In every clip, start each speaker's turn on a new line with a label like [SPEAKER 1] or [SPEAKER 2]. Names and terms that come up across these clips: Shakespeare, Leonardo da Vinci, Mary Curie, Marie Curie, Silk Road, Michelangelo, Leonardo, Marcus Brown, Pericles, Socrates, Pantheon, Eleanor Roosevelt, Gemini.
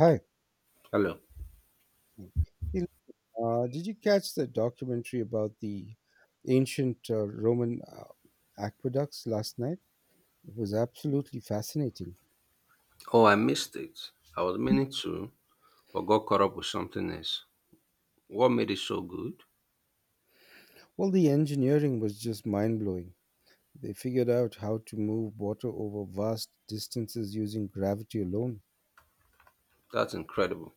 [SPEAKER 1] Hi.
[SPEAKER 2] Hello.
[SPEAKER 1] Hey, did you catch the documentary about the ancient Roman aqueducts last night? It was absolutely fascinating.
[SPEAKER 2] Oh, I missed it. I was meaning to, but got caught up with something else. What made it so good?
[SPEAKER 1] Well, the engineering was just mind blowing. They figured out how to move water over vast distances using gravity alone.
[SPEAKER 2] That's incredible.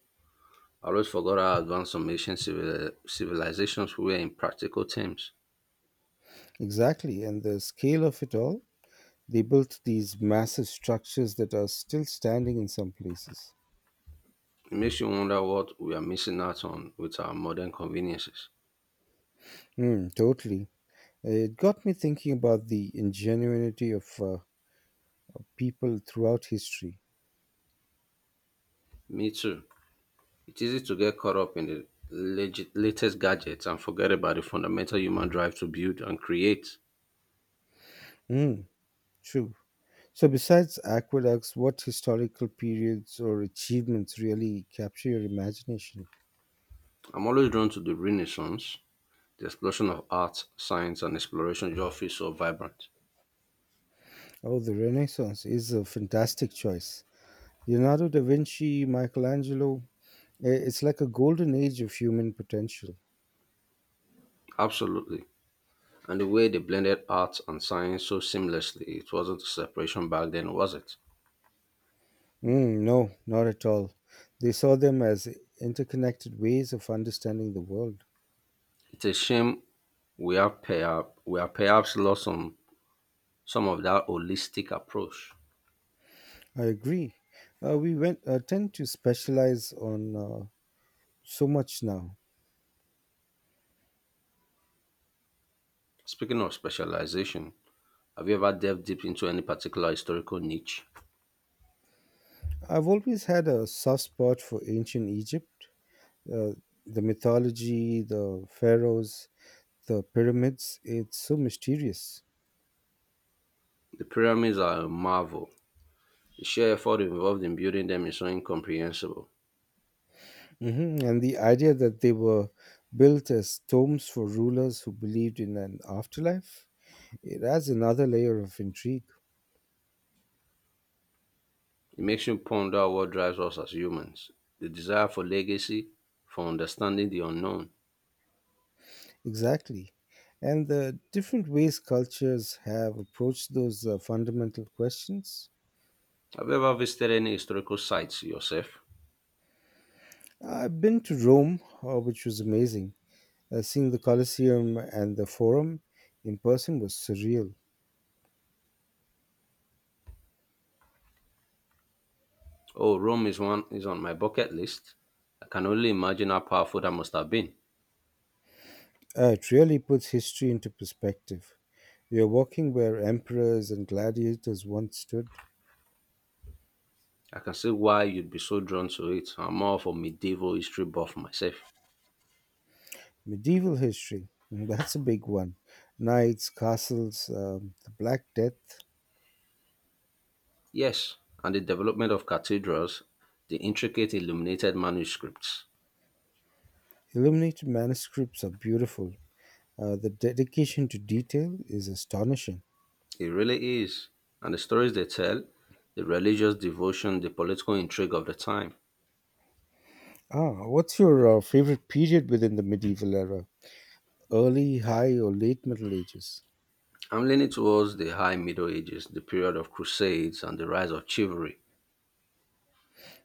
[SPEAKER 2] I always forgot how advanced some civilizations were in practical terms.
[SPEAKER 1] Exactly, and the scale of it all, they built these massive structures that are still standing in some places.
[SPEAKER 2] It makes you wonder what we are missing out on with our modern conveniences.
[SPEAKER 1] Totally. It got me thinking about the ingenuity of people throughout history.
[SPEAKER 2] Me too. It's easy to get caught up in the latest gadgets and forget about the fundamental human drive to build and create.
[SPEAKER 1] Mm, true. So, besides aqueducts, what historical periods or achievements really capture your imagination?
[SPEAKER 2] I'm always drawn to the Renaissance, the explosion of art, science, and exploration just feels so vibrant.
[SPEAKER 1] Oh, the Renaissance is a fantastic choice. Leonardo da Vinci, Michelangelo, it's like a golden age of human potential.
[SPEAKER 2] Absolutely. And the way they blended art and science so seamlessly, it wasn't a separation back then, was it?
[SPEAKER 1] No, not at all. They saw them as interconnected ways of understanding the world.
[SPEAKER 2] It's a shame we have perhaps lost some of that holistic approach.
[SPEAKER 1] I agree. We tend to specialize on so much now.
[SPEAKER 2] Speaking of specialization, have you ever delved deep into any particular historical niche?
[SPEAKER 1] I've always had a soft spot for ancient Egypt. Uh, the mythology, the pharaohs, the pyramids, it's so mysterious.
[SPEAKER 2] The pyramids are a marvel. The sheer effort involved in building them is so incomprehensible.
[SPEAKER 1] And the idea that they were built as tombs for rulers who believed in an afterlife, it adds another layer of intrigue.
[SPEAKER 2] It makes you ponder what drives us as humans, the desire for legacy, for understanding the unknown.
[SPEAKER 1] Exactly. And the different ways cultures have approached those fundamental questions.
[SPEAKER 2] Have you ever visited any historical sites yourself?
[SPEAKER 1] I've been to Rome, which was amazing. Seeing the Colosseum and the Forum in person was surreal.
[SPEAKER 2] Oh, Rome is one is on my bucket list. I can only imagine how powerful that must have been.
[SPEAKER 1] It really puts history into perspective. We are walking where emperors and gladiators once stood.
[SPEAKER 2] I can see why you'd be so drawn to it. I'm more of a medieval history buff myself.
[SPEAKER 1] Medieval history, that's a big one. Knights, castles, the Black Death.
[SPEAKER 2] Yes, and the development of cathedrals, the intricate illuminated manuscripts.
[SPEAKER 1] Illuminated manuscripts are beautiful. The dedication to detail is astonishing.
[SPEAKER 2] It really is. And the stories they tell, the religious devotion, the political intrigue of the time.
[SPEAKER 1] What's your favorite period within the medieval era? Early, high, or late Middle Ages?
[SPEAKER 2] I'm leaning towards the High Middle Ages, the period of Crusades and the rise of chivalry.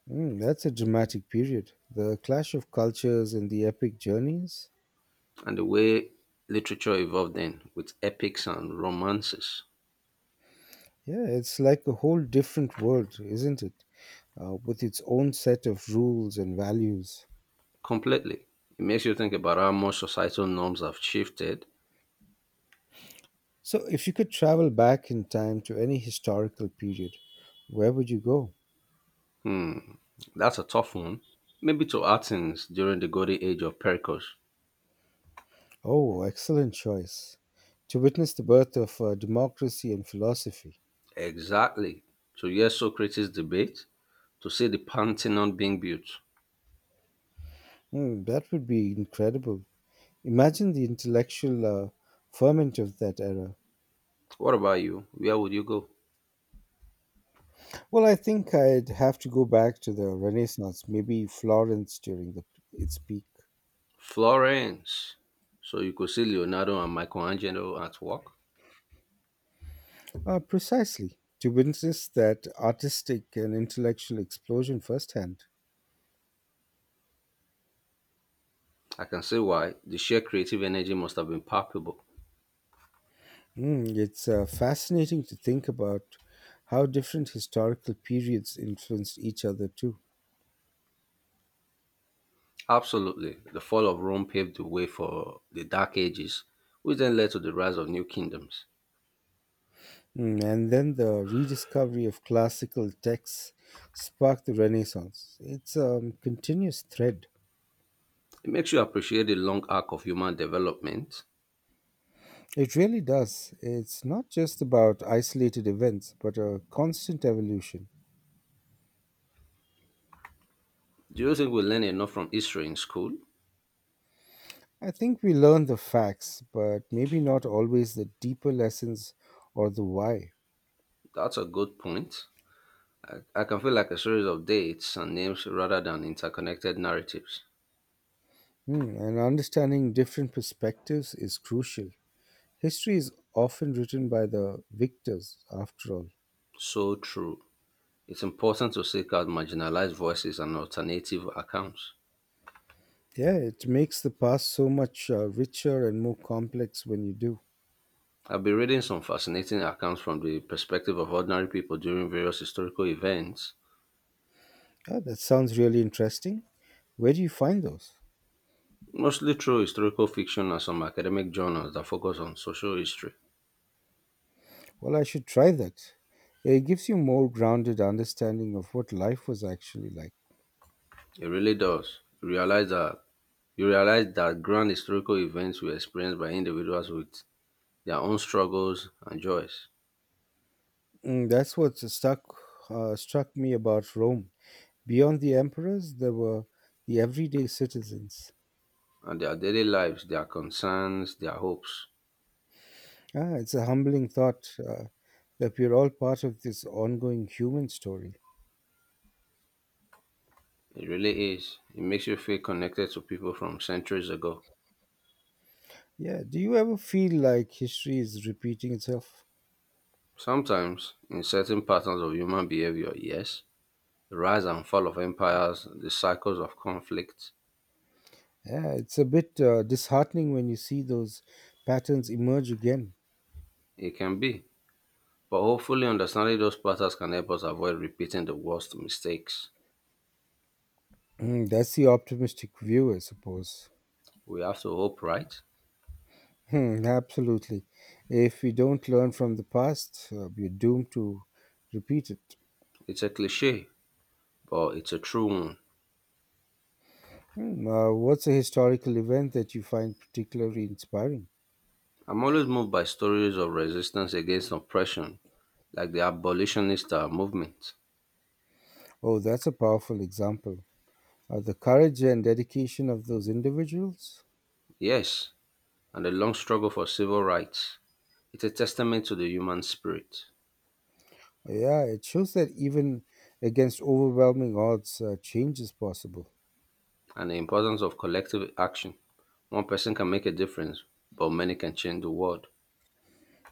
[SPEAKER 1] That's a dramatic period. The clash of cultures and the epic journeys.
[SPEAKER 2] And the way literature evolved then with epics and romances
[SPEAKER 1] Yeah, it's like a whole different world, isn't it? With its own set of rules and values.
[SPEAKER 2] completely. It makes you think about how much societal norms have shifted.
[SPEAKER 1] So, if you could travel back in time to any historical period, where would you go?
[SPEAKER 2] That's a tough one. Maybe to Athens during the golden age of Pericles.
[SPEAKER 1] Oh, excellent choice. To witness the birth of democracy and philosophy.
[SPEAKER 2] Exactly. To hear Socrates' debate, to see the Pantheon being built.
[SPEAKER 1] That would be incredible. Imagine the intellectual ferment of that era.
[SPEAKER 2] What about you? Where would you go?
[SPEAKER 1] Well, I think I'd have to go back to the Renaissance, maybe Florence during its peak.
[SPEAKER 2] Florence. So you could see Leonardo and Michelangelo at work.
[SPEAKER 1] Precisely, to witness that artistic and intellectual explosion firsthand.
[SPEAKER 2] I can see why the sheer creative energy must have been palpable.
[SPEAKER 1] It's fascinating to think about how different historical periods influenced each other, too.
[SPEAKER 2] Absolutely. The fall of Rome paved the way for the Dark Ages, which then led to the rise of new kingdoms.
[SPEAKER 1] And then the rediscovery of classical texts sparked the Renaissance. It's a continuous thread.
[SPEAKER 2] It makes you appreciate the long arc of human development.
[SPEAKER 1] It really does. It's not just about isolated events, but a constant evolution.
[SPEAKER 2] Do you think we learn enough from history in school?
[SPEAKER 1] I think we learn the facts, but maybe not always the deeper lessons or the why.
[SPEAKER 2] That's a good point. I can feel like a series of dates and names rather than interconnected narratives.
[SPEAKER 1] And understanding different perspectives is crucial. History is often written by the victors, after all.
[SPEAKER 2] So true. It's important to seek out marginalized voices and alternative accounts.
[SPEAKER 1] Yeah, it makes the past so much richer and more complex when you do.
[SPEAKER 2] I've been reading some fascinating accounts from the perspective of ordinary people during various historical events.
[SPEAKER 1] That sounds really interesting. Where do you find those?
[SPEAKER 2] Mostly through historical fiction and some academic journals that focus on social history.
[SPEAKER 1] Well, I should try that. It gives you more grounded understanding of what life was actually like.
[SPEAKER 2] It really does. You realize that grand historical events were experienced by individuals with their own struggles and joys,
[SPEAKER 1] That's what stuck struck me about Rome. Beyond the emperors, there were the everyday citizens.
[SPEAKER 2] and their daily lives, their concerns, their hopes.
[SPEAKER 1] It's a humbling thought that we're all part of this ongoing human story.
[SPEAKER 2] It really is. It makes you feel connected to people from centuries ago.
[SPEAKER 1] Yeah, do you ever feel like history is repeating itself?
[SPEAKER 2] Sometimes, in certain patterns of human behavior, yes, the rise and fall of empires, the cycles of conflict,
[SPEAKER 1] Yeah, it's a bit disheartening when you see those patterns emerge again.
[SPEAKER 2] it can be. But hopefully, understanding those patterns can help us avoid repeating the worst mistakes.
[SPEAKER 1] That's the optimistic view, I suppose.
[SPEAKER 2] We have to hope, right?
[SPEAKER 1] Absolutely. If we don't learn from the past, we're doomed to repeat it.
[SPEAKER 2] It's a cliche, but it's a true one.
[SPEAKER 1] What's a historical event that you find particularly inspiring?
[SPEAKER 2] I'm always moved by stories of resistance against oppression, like the abolitionist movement.
[SPEAKER 1] Oh, that's a powerful example. The courage and dedication of those individuals.
[SPEAKER 2] Yes, and the long struggle for civil rights. It's a testament to the human spirit
[SPEAKER 1] Yeah, it shows that even against overwhelming odds, change is possible.
[SPEAKER 2] and the importance of collective action. One person can make a difference, but many can change the world.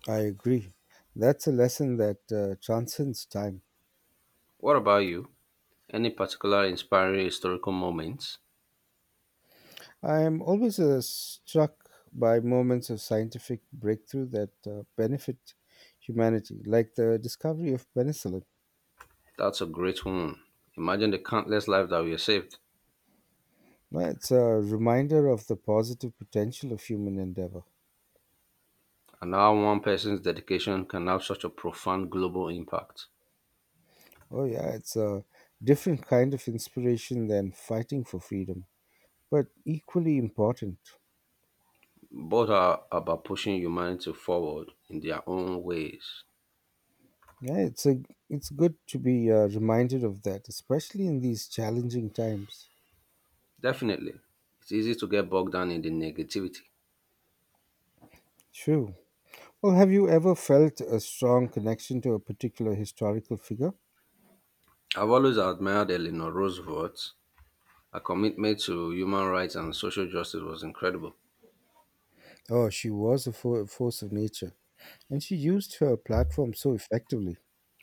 [SPEAKER 1] I agree. That's a lesson that transcends time.
[SPEAKER 2] What about you? Any particular inspiring historical moments?
[SPEAKER 1] I am always struck by moments of scientific breakthrough that benefit humanity, like the discovery of penicillin.
[SPEAKER 2] That's a great one. Imagine the countless lives that we have saved,
[SPEAKER 1] It's a reminder of the positive potential of human endeavor.
[SPEAKER 2] and how one person's dedication can have such a profound global impact.
[SPEAKER 1] Oh, yeah, it's a different kind of inspiration than fighting for freedom, but equally important.
[SPEAKER 2] Both are about pushing humanity forward in their own ways.
[SPEAKER 1] Yeah, it's good to be reminded of that, especially in these challenging times.
[SPEAKER 2] Definitely, it's easy to get bogged down in the negativity.
[SPEAKER 1] True. Well, have you ever felt a strong connection to a particular historical figure?
[SPEAKER 2] I've always admired Eleanor Roosevelt. Her commitment to human rights and social justice was incredible.
[SPEAKER 1] Oh, she was a force of nature, and she used her platform so effectively.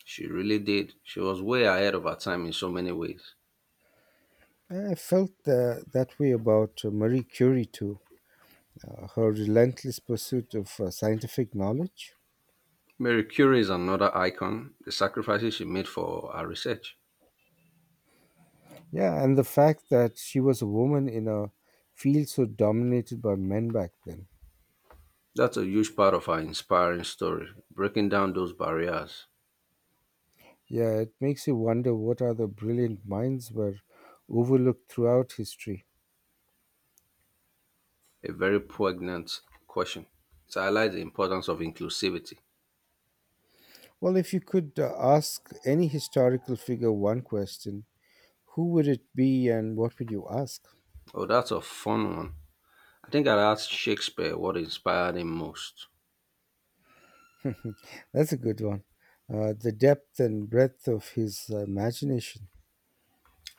[SPEAKER 2] She really did. She was way ahead of her time in so many ways.
[SPEAKER 1] I felt that way about Marie Curie too, her relentless pursuit of scientific knowledge.
[SPEAKER 2] Mary Curie is another icon, the sacrifices she made for her research.
[SPEAKER 1] Yeah, and the fact that she was a woman in a field so dominated by men back then.
[SPEAKER 2] That's a huge part of our inspiring story, breaking down those barriers.
[SPEAKER 1] Yeah, it makes you wonder what other brilliant minds were overlooked throughout history.
[SPEAKER 2] A very poignant question. It highlights the importance of inclusivity.
[SPEAKER 1] Well, if you could ask any historical figure one question, who would it be and what would you ask?
[SPEAKER 2] Oh, that's a fun one. I think I'd ask Shakespeare what inspired him most.
[SPEAKER 1] That's a good one. The depth and breadth of his imagination.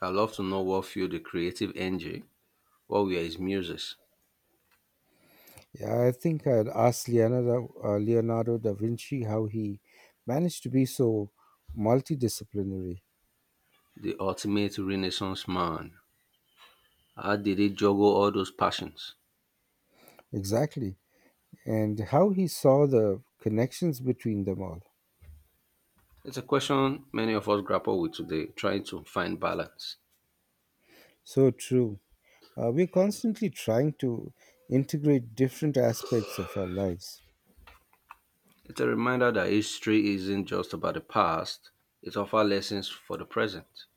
[SPEAKER 2] I'd love to know what fueled the creative engine, what were his muses,
[SPEAKER 1] Yeah, I think I'd ask Leonardo da Vinci how he managed to be so multidisciplinary.
[SPEAKER 2] the ultimate Renaissance man. How did he juggle all those passions?
[SPEAKER 1] Exactly. And how he saw the connections between them all.
[SPEAKER 2] It's a question many of us grapple with today, trying to find balance.
[SPEAKER 1] So true. We're constantly trying to integrate different aspects of our lives.
[SPEAKER 2] It's a reminder that history isn't just about the past, it offers lessons for the present.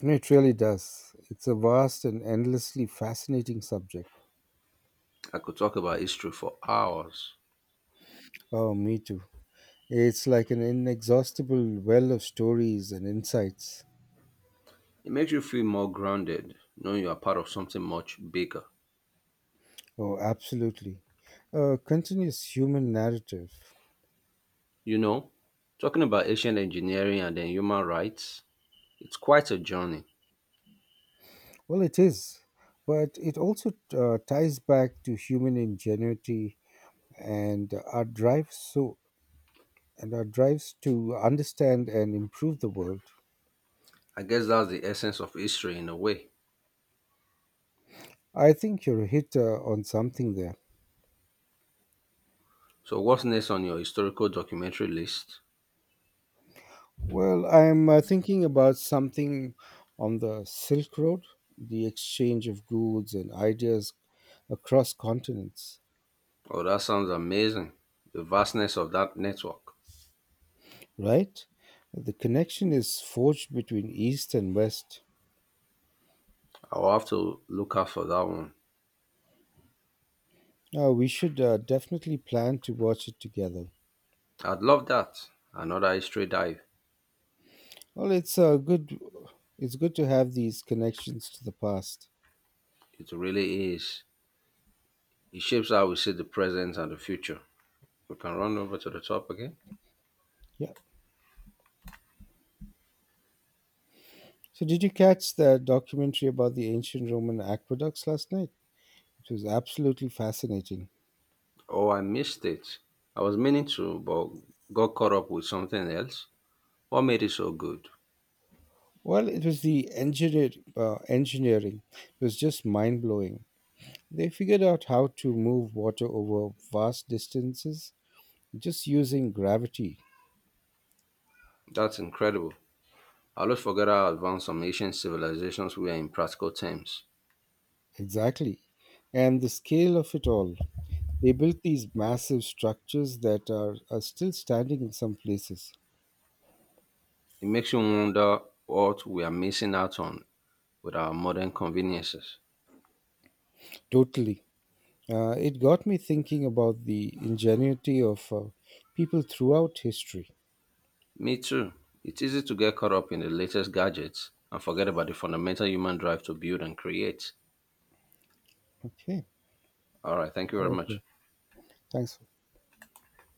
[SPEAKER 1] It really does. It's a vast and endlessly fascinating subject.
[SPEAKER 2] I could talk about history for hours.
[SPEAKER 1] Oh, me too. It's like an inexhaustible well of stories and insights.
[SPEAKER 2] It makes you feel more grounded, knowing you are part of something much bigger.
[SPEAKER 1] Oh, absolutely. A continuous human narrative.
[SPEAKER 2] You know, talking about ancient engineering and then human rights, it's quite a journey.
[SPEAKER 1] Well, it is, but it also ties back to human ingenuity and our drive so and our drives to understand and improve the world.
[SPEAKER 2] I guess that's the essence of history in a way.
[SPEAKER 1] I think you're a hit on something there.
[SPEAKER 2] So, what's next on your historical documentary list?
[SPEAKER 1] Well, I'm thinking about something on the Silk Road, the exchange of goods and ideas across continents,
[SPEAKER 2] Oh, that sounds amazing. The vastness of that network.
[SPEAKER 1] right? The connection is forged between East and West.
[SPEAKER 2] I'll have to look out for that one.
[SPEAKER 1] We should definitely plan to watch it together.
[SPEAKER 2] I'd love that. Another history dive.
[SPEAKER 1] Well, it's good. It's good to have these connections to the past.
[SPEAKER 2] It really is. It shapes how we see the present and the future. We can run over to the top again.
[SPEAKER 1] Yeah. So, did you catch the documentary about the ancient Roman aqueducts last night? It was absolutely fascinating.
[SPEAKER 2] Oh, I missed it. I was meaning to, but got caught up with something else. What made it so good?
[SPEAKER 1] Well, it was the engineering. It was just mind blowing. They figured out how to move water over vast distances just using gravity.
[SPEAKER 2] That's incredible. I always forget how advanced some ancient civilizations were in practical terms.
[SPEAKER 1] Exactly. And the scale of it all. They built these massive structures that are still standing in some places.
[SPEAKER 2] It makes you wonder what we are missing out on with our modern conveniences.
[SPEAKER 1] Totally. It got me thinking about the ingenuity of people throughout history.
[SPEAKER 2] Me too. It's easy to get caught up in the latest gadgets and forget about the fundamental human drive to build and create.
[SPEAKER 1] Okay.
[SPEAKER 2] All right, thank you
[SPEAKER 1] All
[SPEAKER 2] very
[SPEAKER 1] right. Bill.
[SPEAKER 2] much.
[SPEAKER 1] Thanks.